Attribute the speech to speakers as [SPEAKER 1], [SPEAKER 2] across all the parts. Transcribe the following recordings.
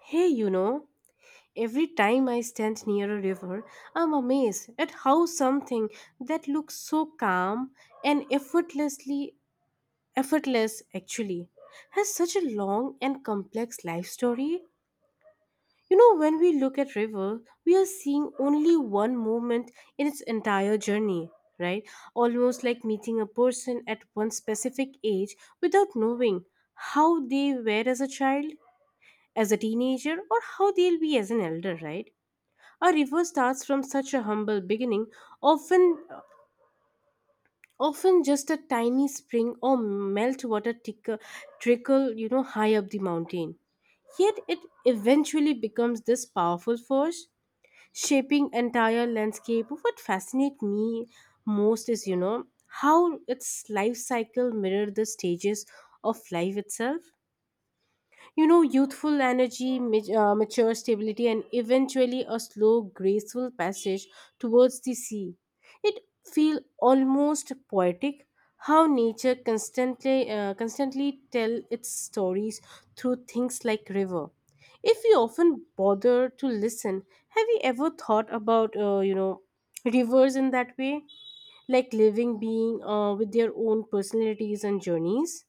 [SPEAKER 1] Hey, you know, every time I stand near a river, I'm amazed at how something that looks so calm and effortless actually has such a long and complex life story. You know, when we look at river, we are seeing only one moment in its entire journey, right? Almost like meeting a person at one specific age without knowing how they were as a child, as a teenager, or how they'll be as an elder, right? A river starts from such a humble beginning, often often just a tiny spring or meltwater trickle, you know, high up the mountain. Yet it eventually becomes this powerful force, shaping entire landscape. What fascinates me most is, you know, how its life cycle mirror the stages of life itself. You know, youthful energy, mature stability, and eventually a slow, graceful passage towards the sea. It feel almost poetic how nature constantly tell its stories through things like river. If you often bother to listen, have you ever thought about you know rivers in that way, like living being with their own personalities and journeys?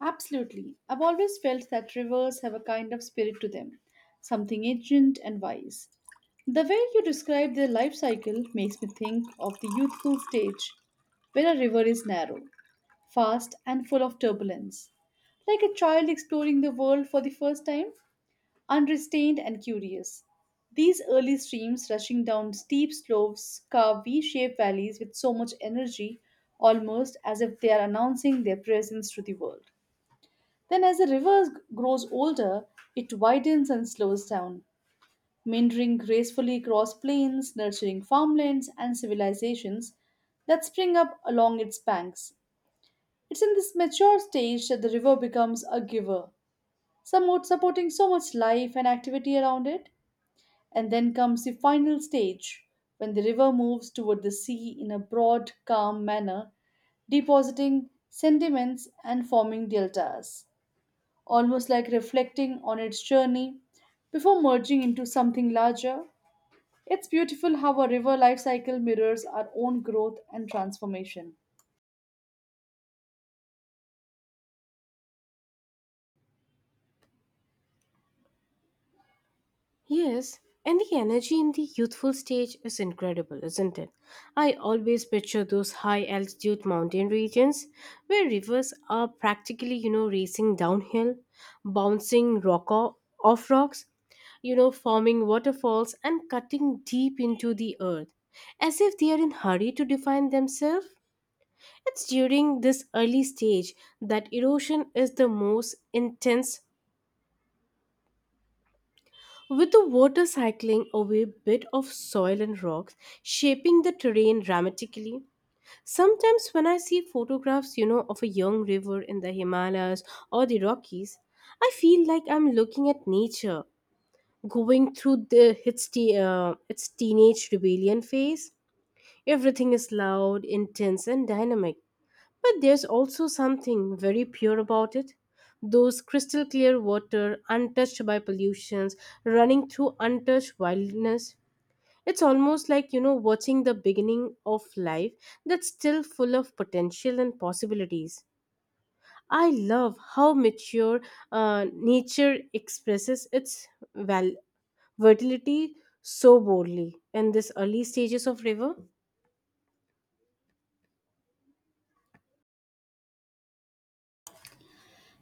[SPEAKER 2] Absolutely. I've always felt that rivers have a kind of spirit to them, something ancient and wise. The way you describe their life cycle makes me think of the youthful stage, where a river is narrow, fast, and full of turbulence. Like a child exploring the world for the first time, unrestrained and curious. These early streams rushing down steep slopes carve V shaped valleys with so much energy, almost as if they are announcing their presence to the world. Then, as the river grows older, it widens and slows down, meandering gracefully across plains, nurturing farmlands and civilizations that spring up along its banks. It's in this mature stage that the river becomes a giver, somewhat supporting so much life and activity around it. And then comes the final stage, when the river moves toward the sea in a broad, calm manner, depositing sediments and forming deltas almost like reflecting on its journey before merging into something larger. It's beautiful how a river life cycle mirrors our own growth and transformation.
[SPEAKER 1] Yes, and the energy in the youthful stage is incredible, isn't it? I always picture those high altitude mountain regions where rivers are practically, you know, racing downhill, bouncing rock o- off rocks, you know, forming waterfalls and cutting deep into the earth, as if they are in hurry to define themselves. It's during this early stage that erosion is the most intense. With the water cycling away bit of soil and rocks, shaping the terrain dramatically. Sometimes when I see photographs, you know, of a young river in the Himalayas or the Rockies, I feel like I'm looking at nature going through its teenage rebellion phase. Everything is loud, intense and dynamic, but there's also something very pure about it. Those crystal clear water, untouched by pollutions, running through untouched wildness. It's almost like, you know, watching the beginning of life that's still full of potential and possibilities. I love how mature nature expresses its val- fertility so boldly in this early stages of river.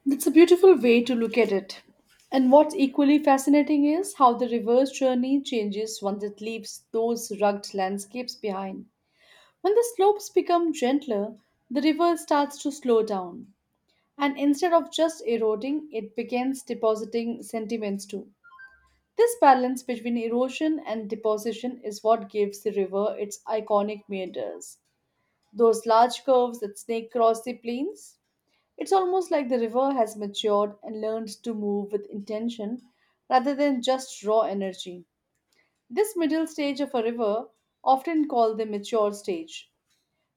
[SPEAKER 2] That's a beautiful way to look at it. And what's equally fascinating is how the reverse journey changes once it leaves those rugged landscapes behind. When the slopes become gentler, the river starts to slow down, and instead of just eroding, it begins depositing sentiments too. This balance between erosion and deposition is what gives the river its iconic meanders, those large curves that snake across the plains. It's almost like the river has matured and learned to move with intention rather than just raw energy. This middle stage of a river, often called the mature stage,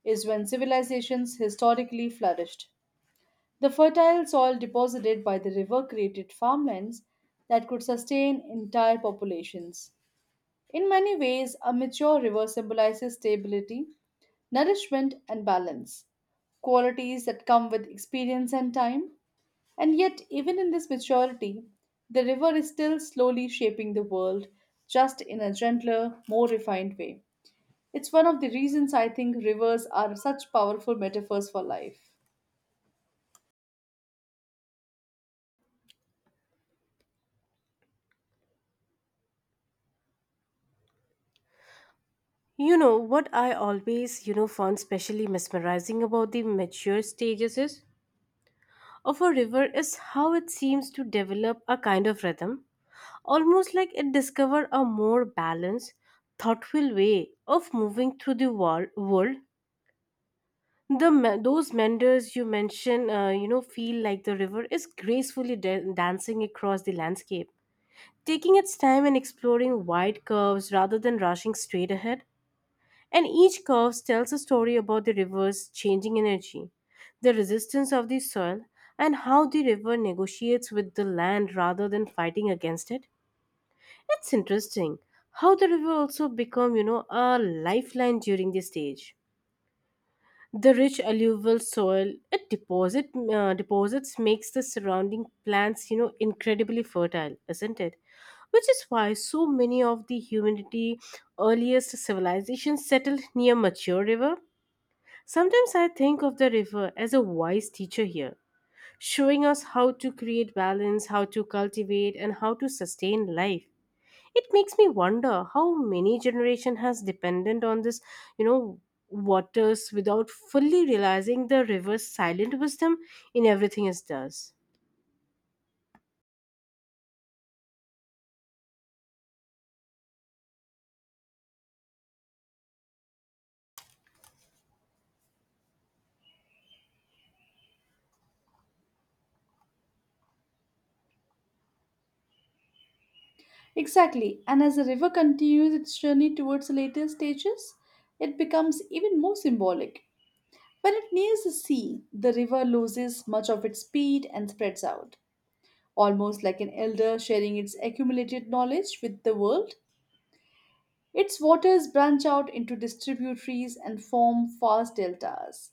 [SPEAKER 2] is when civilizations historically flourished. The fertile soil deposited by the river created farmlands that could sustain entire populations. In many ways, a mature river symbolizes stability, nourishment, and balance, qualities that come with experience and time. And yet, even in this maturity, the river is still slowly shaping the world, just in a gentler, more refined way. It's one of the reasons I think rivers are such powerful metaphors for life.
[SPEAKER 1] You know, what I always, you know, found specially mesmerizing about the mature stages is of a river is how it seems to develop a kind of rhythm, almost like it discovered a more balanced, thoughtful way of moving through the world. Those meanders you mention, you know, feel like the river is gracefully dancing across the landscape, taking its time and exploring wide curves rather than rushing straight ahead. And each curve tells a story about the river's changing energy, the resistance of the soil, and how the river negotiates with the land rather than fighting against it. It's interesting how the river also become, you know, a lifeline during this stage. The rich alluvial soil it deposits makes the surrounding plants, you know, incredibly fertile, isn't it? Which is why so many of the humanity earliest civilizations settled near mature river. Sometimes I think of the river as a wise teacher here, showing us how to create balance, how to cultivate, and how to sustain life. It makes me wonder how many generation has depended on this, you know, waters without fully realizing the river's silent wisdom in everything it does.
[SPEAKER 2] Exactly, and as the river continues its journey towards the later stages, it becomes even more symbolic. When it nears the sea, the river loses much of its speed and spreads out. Almost like an elder sharing its accumulated knowledge with the world, its waters branch out into distributaries and form vast deltas.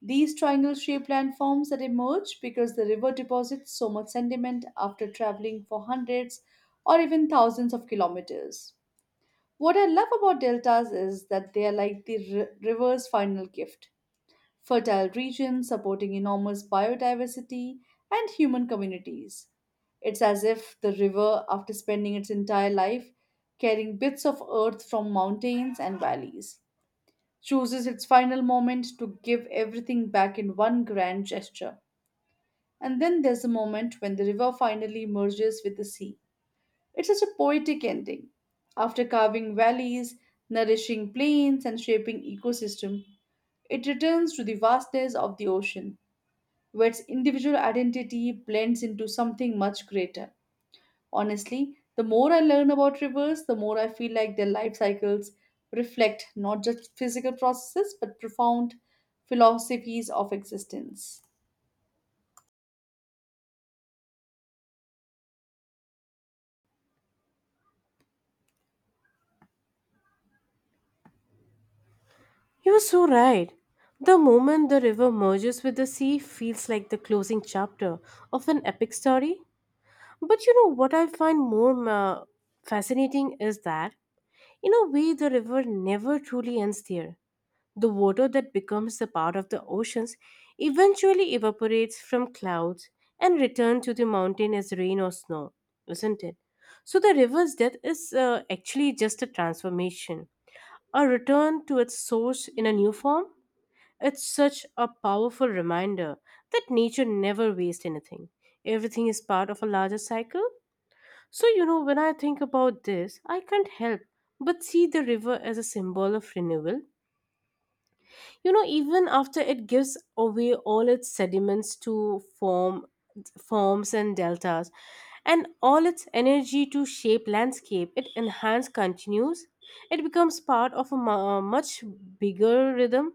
[SPEAKER 2] These triangle shaped landforms that emerge because the river deposits so much sediment after traveling for hundreds or even thousands of kilometers. What I love about deltas is that they are like the river's final gift, fertile regions supporting enormous biodiversity and human communities. It's as if the river, after spending its entire life carrying bits of earth from mountains and valleys, chooses its final moment to give everything back in one grand gesture. And then there's the moment when the river finally merges with the sea. It's such a poetic ending. After carving valleys, nourishing plains, and shaping ecosystem, it returns to the vastness of the ocean, where its individual identity blends into something much greater. Honestly, the more I learn about rivers, the more I feel like their life cycles reflect not just physical processes but profound philosophies of existence.
[SPEAKER 1] You're so right. The moment the river merges with the sea feels like the closing chapter of an epic story. But you know what I find more fascinating is that in a way, the river never truly ends there. The water that becomes a part of the oceans eventually evaporates from clouds and returns to the mountain as rain or snow, isn't it? So the river's death is actually just a transformation, a return to its source in a new form. It's such a powerful reminder that nature never wastes anything. Everything is part of a larger cycle. So, you know, when I think about this, I can't help but see the river as a symbol of renewal. You know, even after it gives away all its sediments to forms and deltas, and all its energy to shape landscape, it enhance continues. It becomes part of a much bigger rhythm,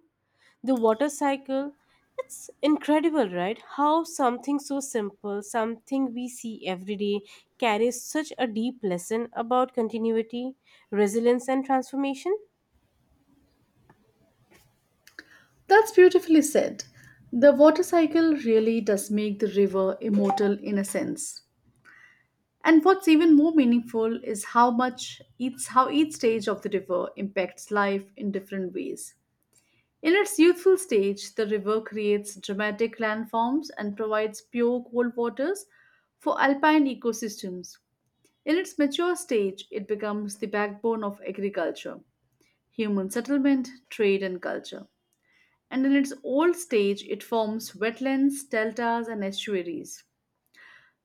[SPEAKER 1] the water cycle. It's incredible, right? How something so simple, something we see every day, carries such a deep lesson about continuity, resilience and transformation.
[SPEAKER 2] That's beautifully said. The water cycle really does make the river immortal in a sense. And what's even more meaningful is how much each how each stage of the river impacts life in different ways. In its youthful stage, the river creates dramatic landforms and provides pure cold waters for alpine ecosystems. In its mature stage, it becomes the backbone of agriculture, human settlement, trade, and culture. And in its old stage, it forms wetlands, deltas, and estuaries,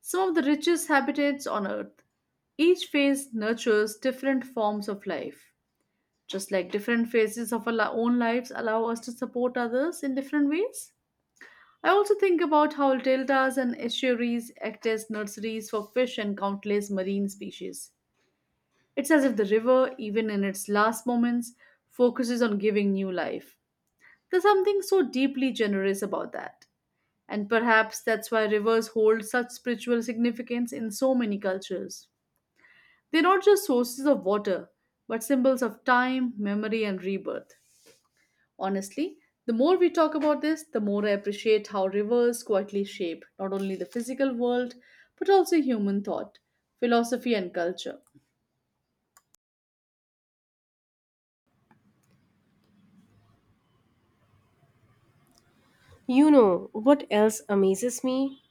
[SPEAKER 2] some of the richest habitats on Earth. Each phase nurtures different forms of life, just like different phases of our own lives allow us to support others in different ways. I also think about how deltas and estuaries act as nurseries for fish and countless marine species. It's as if the river, even in its last moments, focuses on giving new life. There's something so deeply generous about that. And perhaps that's why rivers hold such spiritual significance in so many cultures. They're not just sources of water, but symbols of time, memory, and rebirth. Honestly, the more we talk about this, the more I appreciate how rivers quietly shape not only the physical world, but also human thought, philosophy, and culture.
[SPEAKER 1] You know what else amazes me,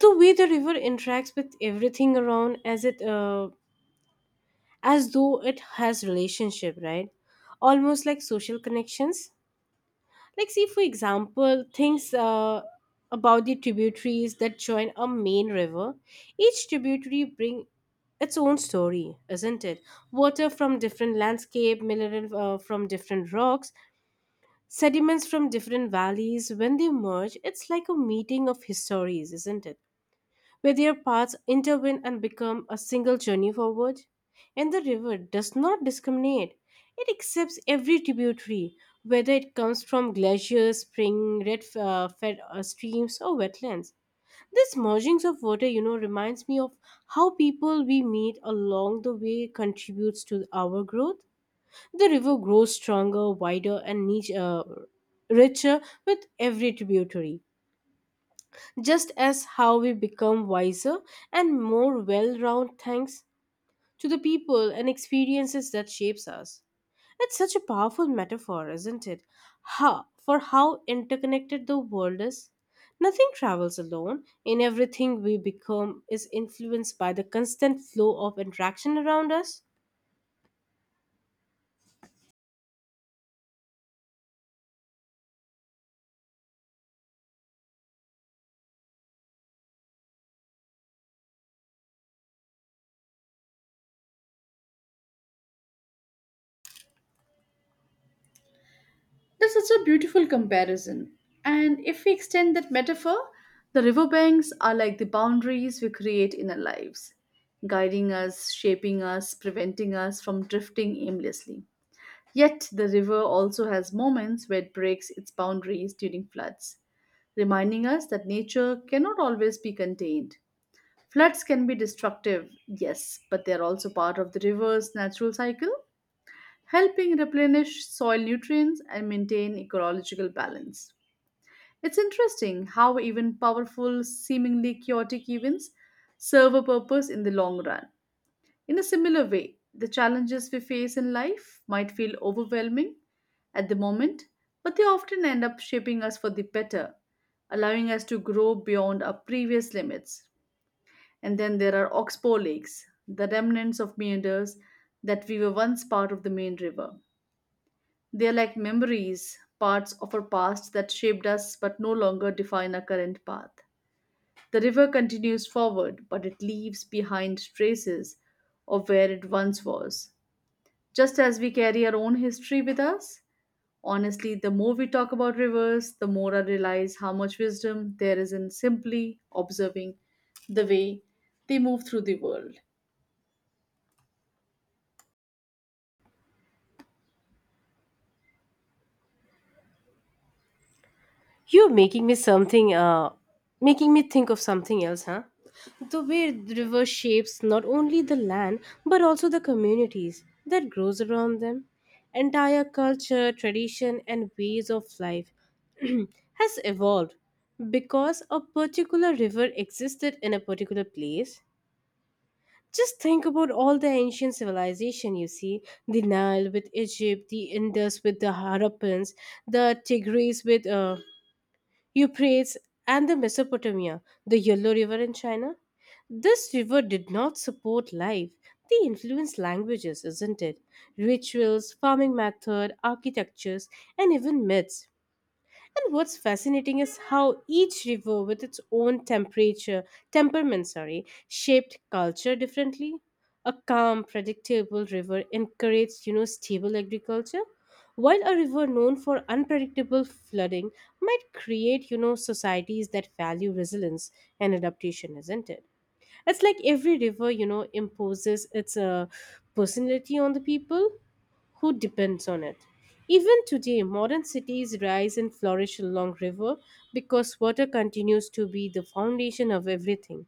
[SPEAKER 1] the way the river interacts with everything around as though it has relationship, right? Almost like social connections. Like, see for example things about the tributaries that join a main river. Each tributary bring its own story, isn't it? Water from different landscape, mineral from different rocks, sediments from different valleys. When they merge, it's like a meeting of histories, isn't it, where their paths intervene and become a single journey forward. And the river does not discriminate, it accepts every tributary, whether it comes from glaciers, spring, red fed streams, or wetlands. This mergings of water, you know, reminds me of how people we meet along the way contributes to our growth. The river grows stronger, wider, and richer with every tributary, just as how we become wiser and more well-rounded thanks to the people and experiences that shapes us. It's such a powerful metaphor, isn't it, ha for how interconnected the world is. Nothing travels alone, in everything we become is influenced by the constant flow of interaction around us.
[SPEAKER 2] That's such a beautiful comparison. And if we extend that metaphor, the riverbanks are like the boundaries we create in our lives, guiding us, shaping us, preventing us from drifting aimlessly. Yet, the river also has moments where it breaks its boundaries during floods, reminding us that nature cannot always be contained. Floods can be destructive, yes, but they are also part of the river's natural cycle, helping replenish soil nutrients and maintain ecological balance. It's interesting how even powerful, seemingly chaotic events serve a purpose in the long run. In a similar way, the challenges we face in life might feel overwhelming at the moment, but they often end up shaping us for the better, allowing us to grow beyond our previous limits. And then there are oxbow lakes, the remnants of meanders that we were once part of the main river. They are like memories, parts of our past that shaped us but no longer define our current path. The river continues forward, but it leaves behind traces of where it once was. Just as we carry our own history with us, honestly, the more we talk about rivers, the more I realize how much wisdom there is in simply observing the way they move through the world.
[SPEAKER 1] You're making me something, Making me think of something else, huh? The way the river shapes not only the land but also the communities that grows around them. Entire culture, tradition, and ways of life has evolved because a particular river existed in a particular place. Just think about all the ancient civilization you see, the Nile with Egypt, the Indus with the Harappans, the Tigris with Euphrates and the Mesopotamia, the Yellow River in China. This river did not support life. They influenced languages, isn't it? Rituals, farming method, architectures, and even myths. And what's fascinating is how each river with its own temperament, sorry, shaped culture differently. A calm, predictable river encouraged, you know, stable agriculture, while a river known for unpredictable flooding might create, you know, societies that value resilience and adaptation, isn't it? It's like every river, you know, imposes its personality on the people who depends on it. Even today, modern cities rise and flourish along river because water continues to be the foundation of everything.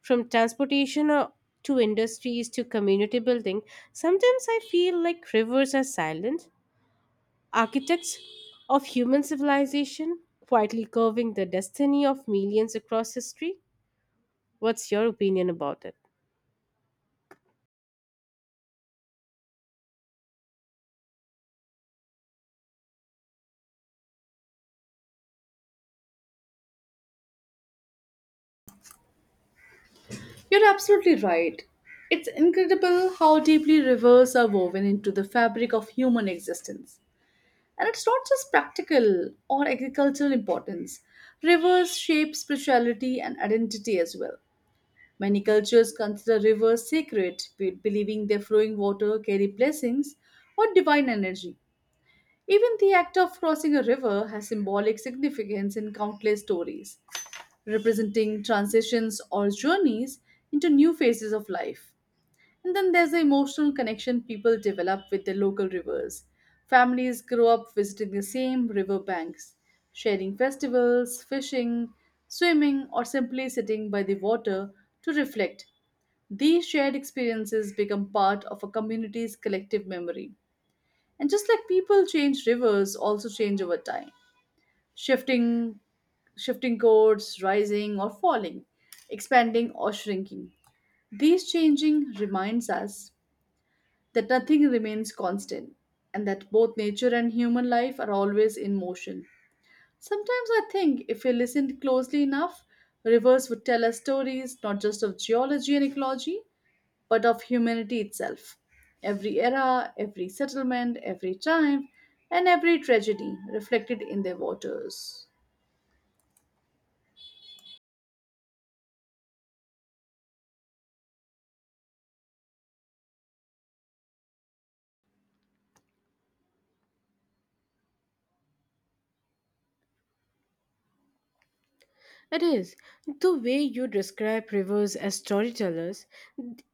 [SPEAKER 1] From transportation to industries to community building, sometimes I feel like rivers are silent architects of human civilization, quietly curving the destiny of millions across history. What's your opinion about it?
[SPEAKER 2] You're absolutely right. It's incredible how deeply rivers are woven into the fabric of human existence. And it's not just practical or agricultural importance. Rivers shape spirituality and identity as well. Many cultures consider rivers sacred, believing their flowing water carry blessings or divine energy. Even the act of crossing a river has symbolic significance in countless stories, representing transitions or journeys into new phases of life. And then there's the emotional connection people develop with their local rivers. Families grow up visiting the same riverbanks, sharing festivals, fishing, swimming, or simply sitting by the water to reflect. These shared experiences become part of a community's collective memory. And just like people change, rivers also change over time, shifting, shifting course, rising or falling, expanding or shrinking. These changing reminds us that nothing remains constant and that both nature and human life are always in motion. Sometimes I think if we listened closely enough, rivers would tell us stories not just of geology and ecology, but of humanity itself. Every era, every settlement, every triumph, and every tragedy reflected in their waters.
[SPEAKER 1] It is. The way you describe rivers as storytellers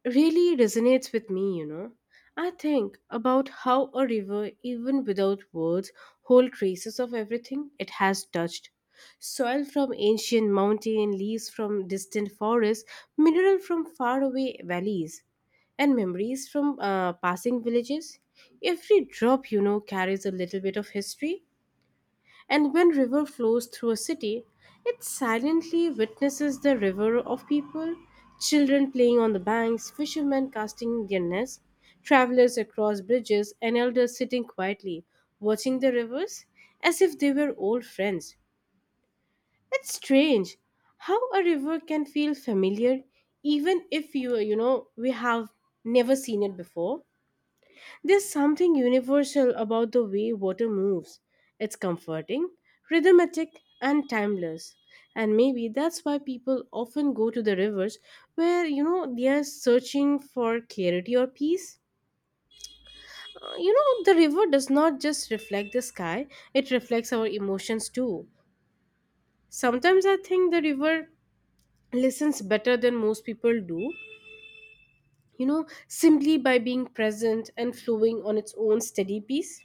[SPEAKER 1] really resonates with me, you know. I think about how a river, even without words, holds traces of everything it has touched. Soil from ancient mountain, leaves from distant forests, mineral from faraway valleys, and memories from passing villages. Every drop, you know, carries a little bit of history, and when river flows through a city, it silently witnesses the river of people, children playing on the banks, fishermen casting their nets, travelers across bridges, and elders sitting quietly, watching the rivers as if they were old friends. It's strange how a river can feel familiar even if we have never seen it before. There's something universal about the way water moves. It's comforting, rhythmic, and timeless. And maybe that's why people often go to the rivers where, you know, they are searching for clarity or peace. You know, the river does not just reflect the sky, it reflects our emotions too. Sometimes I think the river listens better than most people do, you know, simply by being present and flowing on its own steady pace.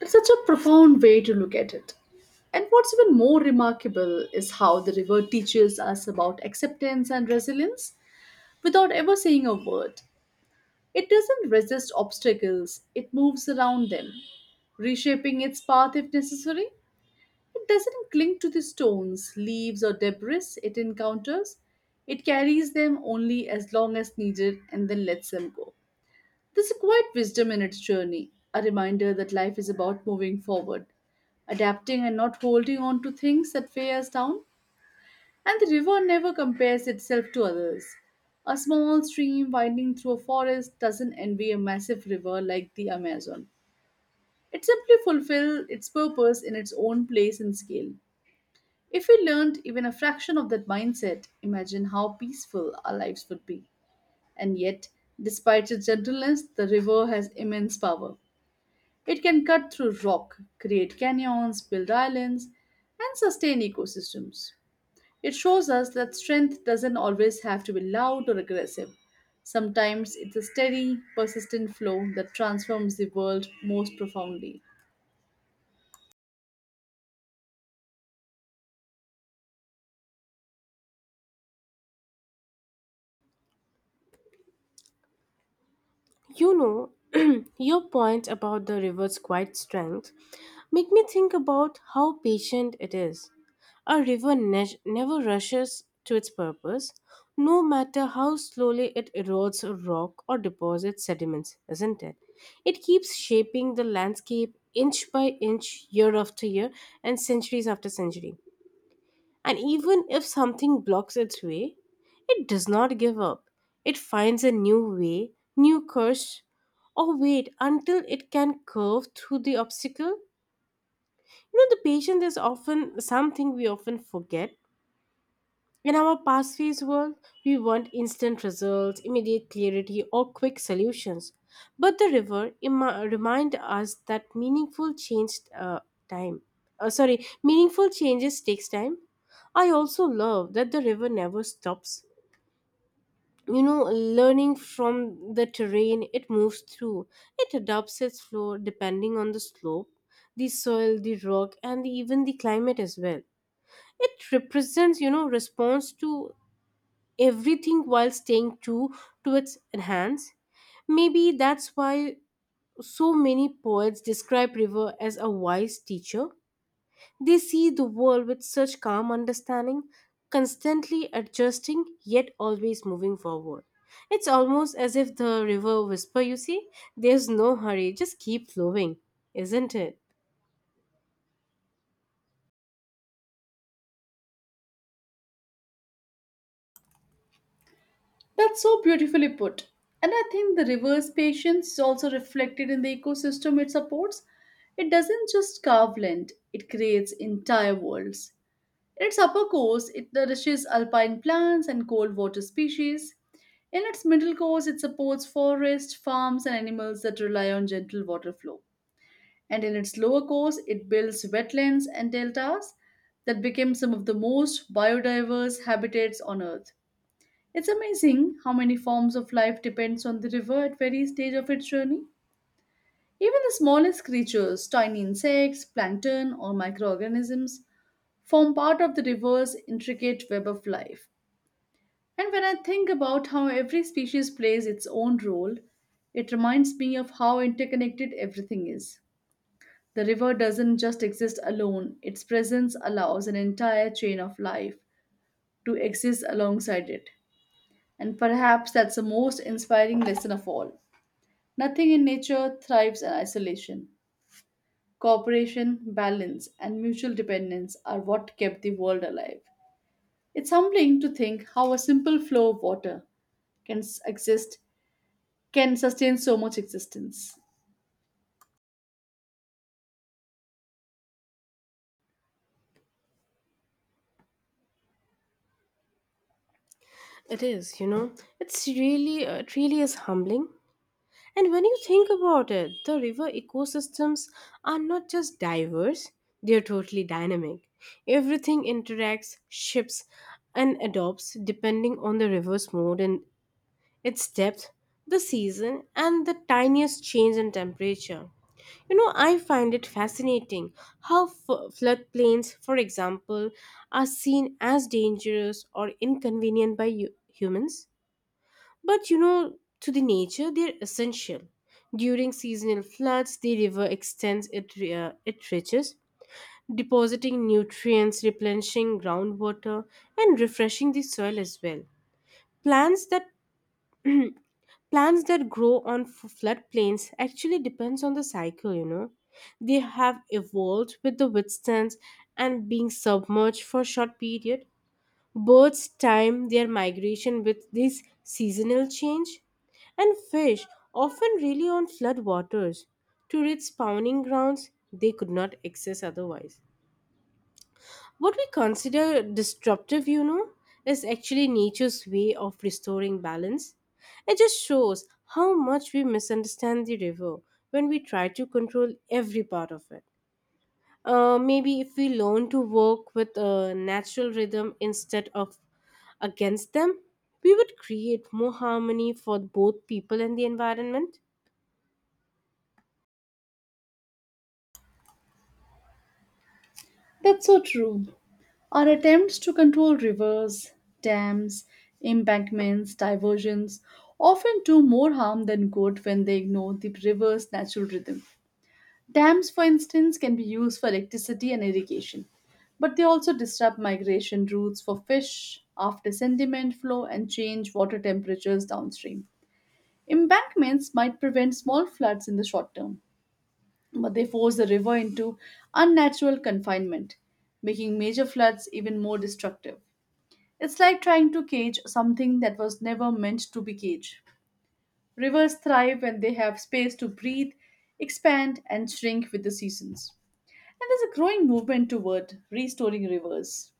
[SPEAKER 2] It's such a profound way to look at it. And what's even more remarkable is how the river teaches us about acceptance and resilience without ever saying a word. It doesn't resist obstacles, it moves around them, reshaping its path if necessary. It doesn't cling to the stones, leaves, or debris it encounters. It carries them only as long as needed and then lets them go. There's a quiet wisdom in its journey, a reminder that life is about moving forward, adapting and not holding on to things that weigh us down. And the river never compares itself to others. A small stream winding through a forest doesn't envy a massive river like the Amazon. It simply fulfills its purpose in its own place and scale. If we learned even a fraction of that mindset, imagine how peaceful our lives would be. And yet, despite its gentleness, the river has immense power. It can cut through rock, create canyons, build islands, and sustain ecosystems. It shows us that strength doesn't always have to be loud or aggressive. Sometimes it's a steady, persistent flow that transforms the world most profoundly.
[SPEAKER 1] You know, your point about the river's quiet strength make me think about how patient it is. A river never rushes to its purpose, no matter how slowly it erodes a rock or deposits sediments, isn't it? It keeps shaping the landscape inch by inch, year after year, and centuries after century. And even if something blocks its way, it does not give up. It finds a new way, new course, or wait until it can curve through the obstacle. You know, the patience is often something we often forget in our past phase world. We want instant results, immediate clarity, or quick solutions. But the river remind us that time. Meaningful changes takes time. I also love that the river never stops. You know, learning from the terrain it moves through. It adapts its flow depending on the slope, the soil, the rock, and even the climate as well. It represents, you know, response to everything while staying true to its hands. Maybe that's why so many poets describe river as a wise teacher. They see the world with such calm understanding, constantly adjusting yet always moving forward. It's almost as if the river whisper, you see, there's no hurry, just keep flowing, isn't it?
[SPEAKER 2] That's so beautifully put. And I think the reverse patience is also reflected in the ecosystem it supports. It doesn't just carve land, it creates entire worlds. In its upper course, it nourishes alpine plants and cold water species. In its middle course, it supports forests, farms, and animals that rely on gentle water flow. And in its lower course, it builds wetlands and deltas that became some of the most biodiverse habitats on Earth. It's amazing how many forms of life depends on the river at various stage of its journey. Even the smallest creatures, tiny insects, plankton, or microorganisms, form part of the river's intricate web of life. And when I think about how every species plays its own role, it reminds me of how interconnected everything is. The river doesn't just exist alone, its presence allows an entire chain of life to exist alongside it. And perhaps that's the most inspiring lesson of all. Nothing in nature thrives in isolation. Cooperation, balance, and mutual dependence are what kept the world alive. It's humbling to think how a simple flow of water exist, can sustain so much existence.
[SPEAKER 1] It is, you know. It's it really is humbling. And when you think about it, the river ecosystems are not just diverse, they're totally dynamic. Everything interacts, shifts, and adopts depending on the river's mood and its depth, the season, and the tiniest change in temperature. You know, I find it fascinating how floodplains, for example, are seen as dangerous or inconvenient by humans, but you know, to the nature, they're essential. During seasonal floods, the river extends its reaches, depositing nutrients, replenishing groundwater, and refreshing the soil as well. Plants that plants that grow on floodplains actually depends on the cycle. You know, they have evolved with the withstands and being submerged for a short period. Birds time their migration with this seasonal change, and fish often rely on flood waters to reach spawning grounds they could not access otherwise. What we consider disruptive, you know, is actually nature's way of restoring balance. It just shows how much we misunderstand the river when we try to control every part of it. Maybe if we learn to work with a natural rhythm instead of against them, we would create more harmony for both people and the environment.
[SPEAKER 2] That's so true. Our attempts to control rivers, dams, embankments, diversions often do more harm than good when they ignore the river's natural rhythm. Dams, for instance, can be used for electricity and irrigation, but they also disrupt migration routes for fish after sediment flow and change water temperatures downstream. Embankments might prevent small floods in the short term, but they force the river into unnatural confinement, making major floods even more destructive. It's like trying to cage something that was never meant to be caged. Rivers thrive when they have space to breathe, expand, and shrink with the seasons. And there's a growing movement toward restoring rivers,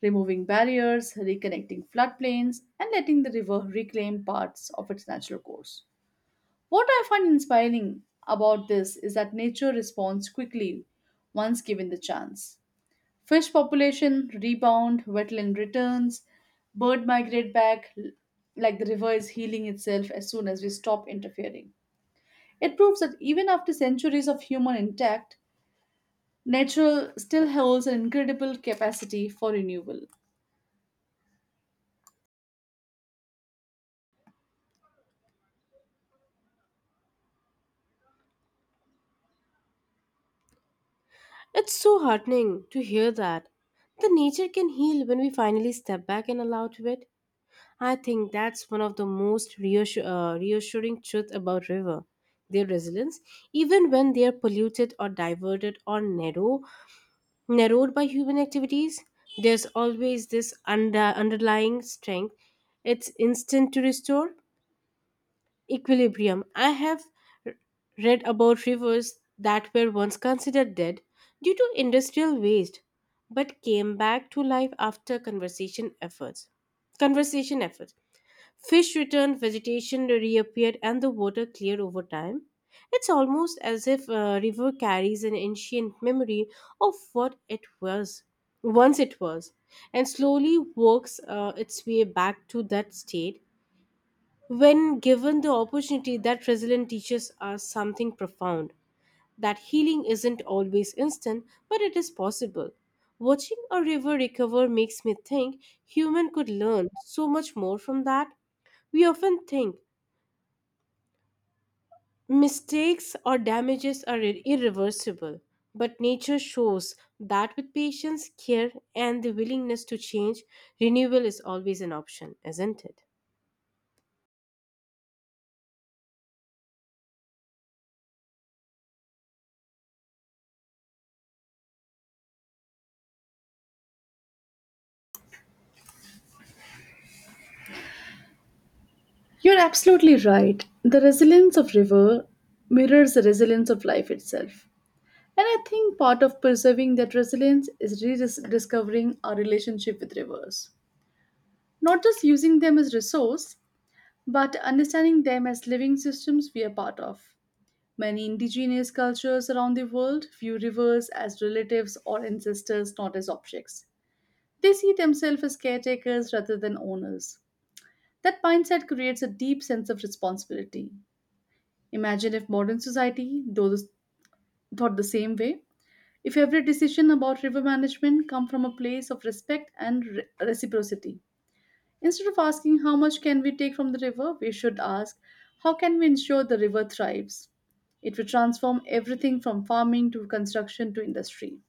[SPEAKER 2] removing barriers, reconnecting floodplains, and letting the river reclaim parts of its natural course. What I find inspiring about this is that nature responds quickly once given the chance. Fish population rebound, wetland returns, bird migrate back like the river is healing itself as soon as we stop interfering. It proves that even after centuries of human intact, nature still holds an incredible capacity for renewal.
[SPEAKER 1] It's so heartening to hear that. The nature can heal when we finally step back and allow to it. I think that's one of the most reassuring truth about river, their resilience. Even when they are polluted or diverted or narrowed by human activities, there's always this underlying strength. It's instant to restore equilibrium. I have r- read about rivers that were once considered dead due to industrial waste but came back to life after conversation efforts. Fish returned, vegetation reappeared, and the water cleared over time. It's almost as if a river carries an ancient memory of once it was, and slowly works its way back to that state when given the opportunity. That resilient teaches us something profound, that healing isn't always instant, but it is possible. Watching a river recover makes me think human could learn so much more from that. We often think mistakes or damages are irreversible, but nature shows that with patience, care, and the willingness to change, renewal is always an option, isn't it?
[SPEAKER 2] You're absolutely right. The resilience of river mirrors the resilience of life itself. And I think part of preserving that resilience is rediscovering our relationship with rivers. Not just using them as resource, but understanding them as living systems we are part of. Many indigenous cultures around the world view rivers as relatives or ancestors, not as objects. They see themselves as caretakers rather than owners. That mindset creates a deep sense of responsibility. Imagine if modern society thought the same way. If every decision about river management come from a place of respect and reciprocity. Instead of asking how much can we take from the river, we should ask how can we ensure the river thrives. It will transform everything from farming to construction to industry.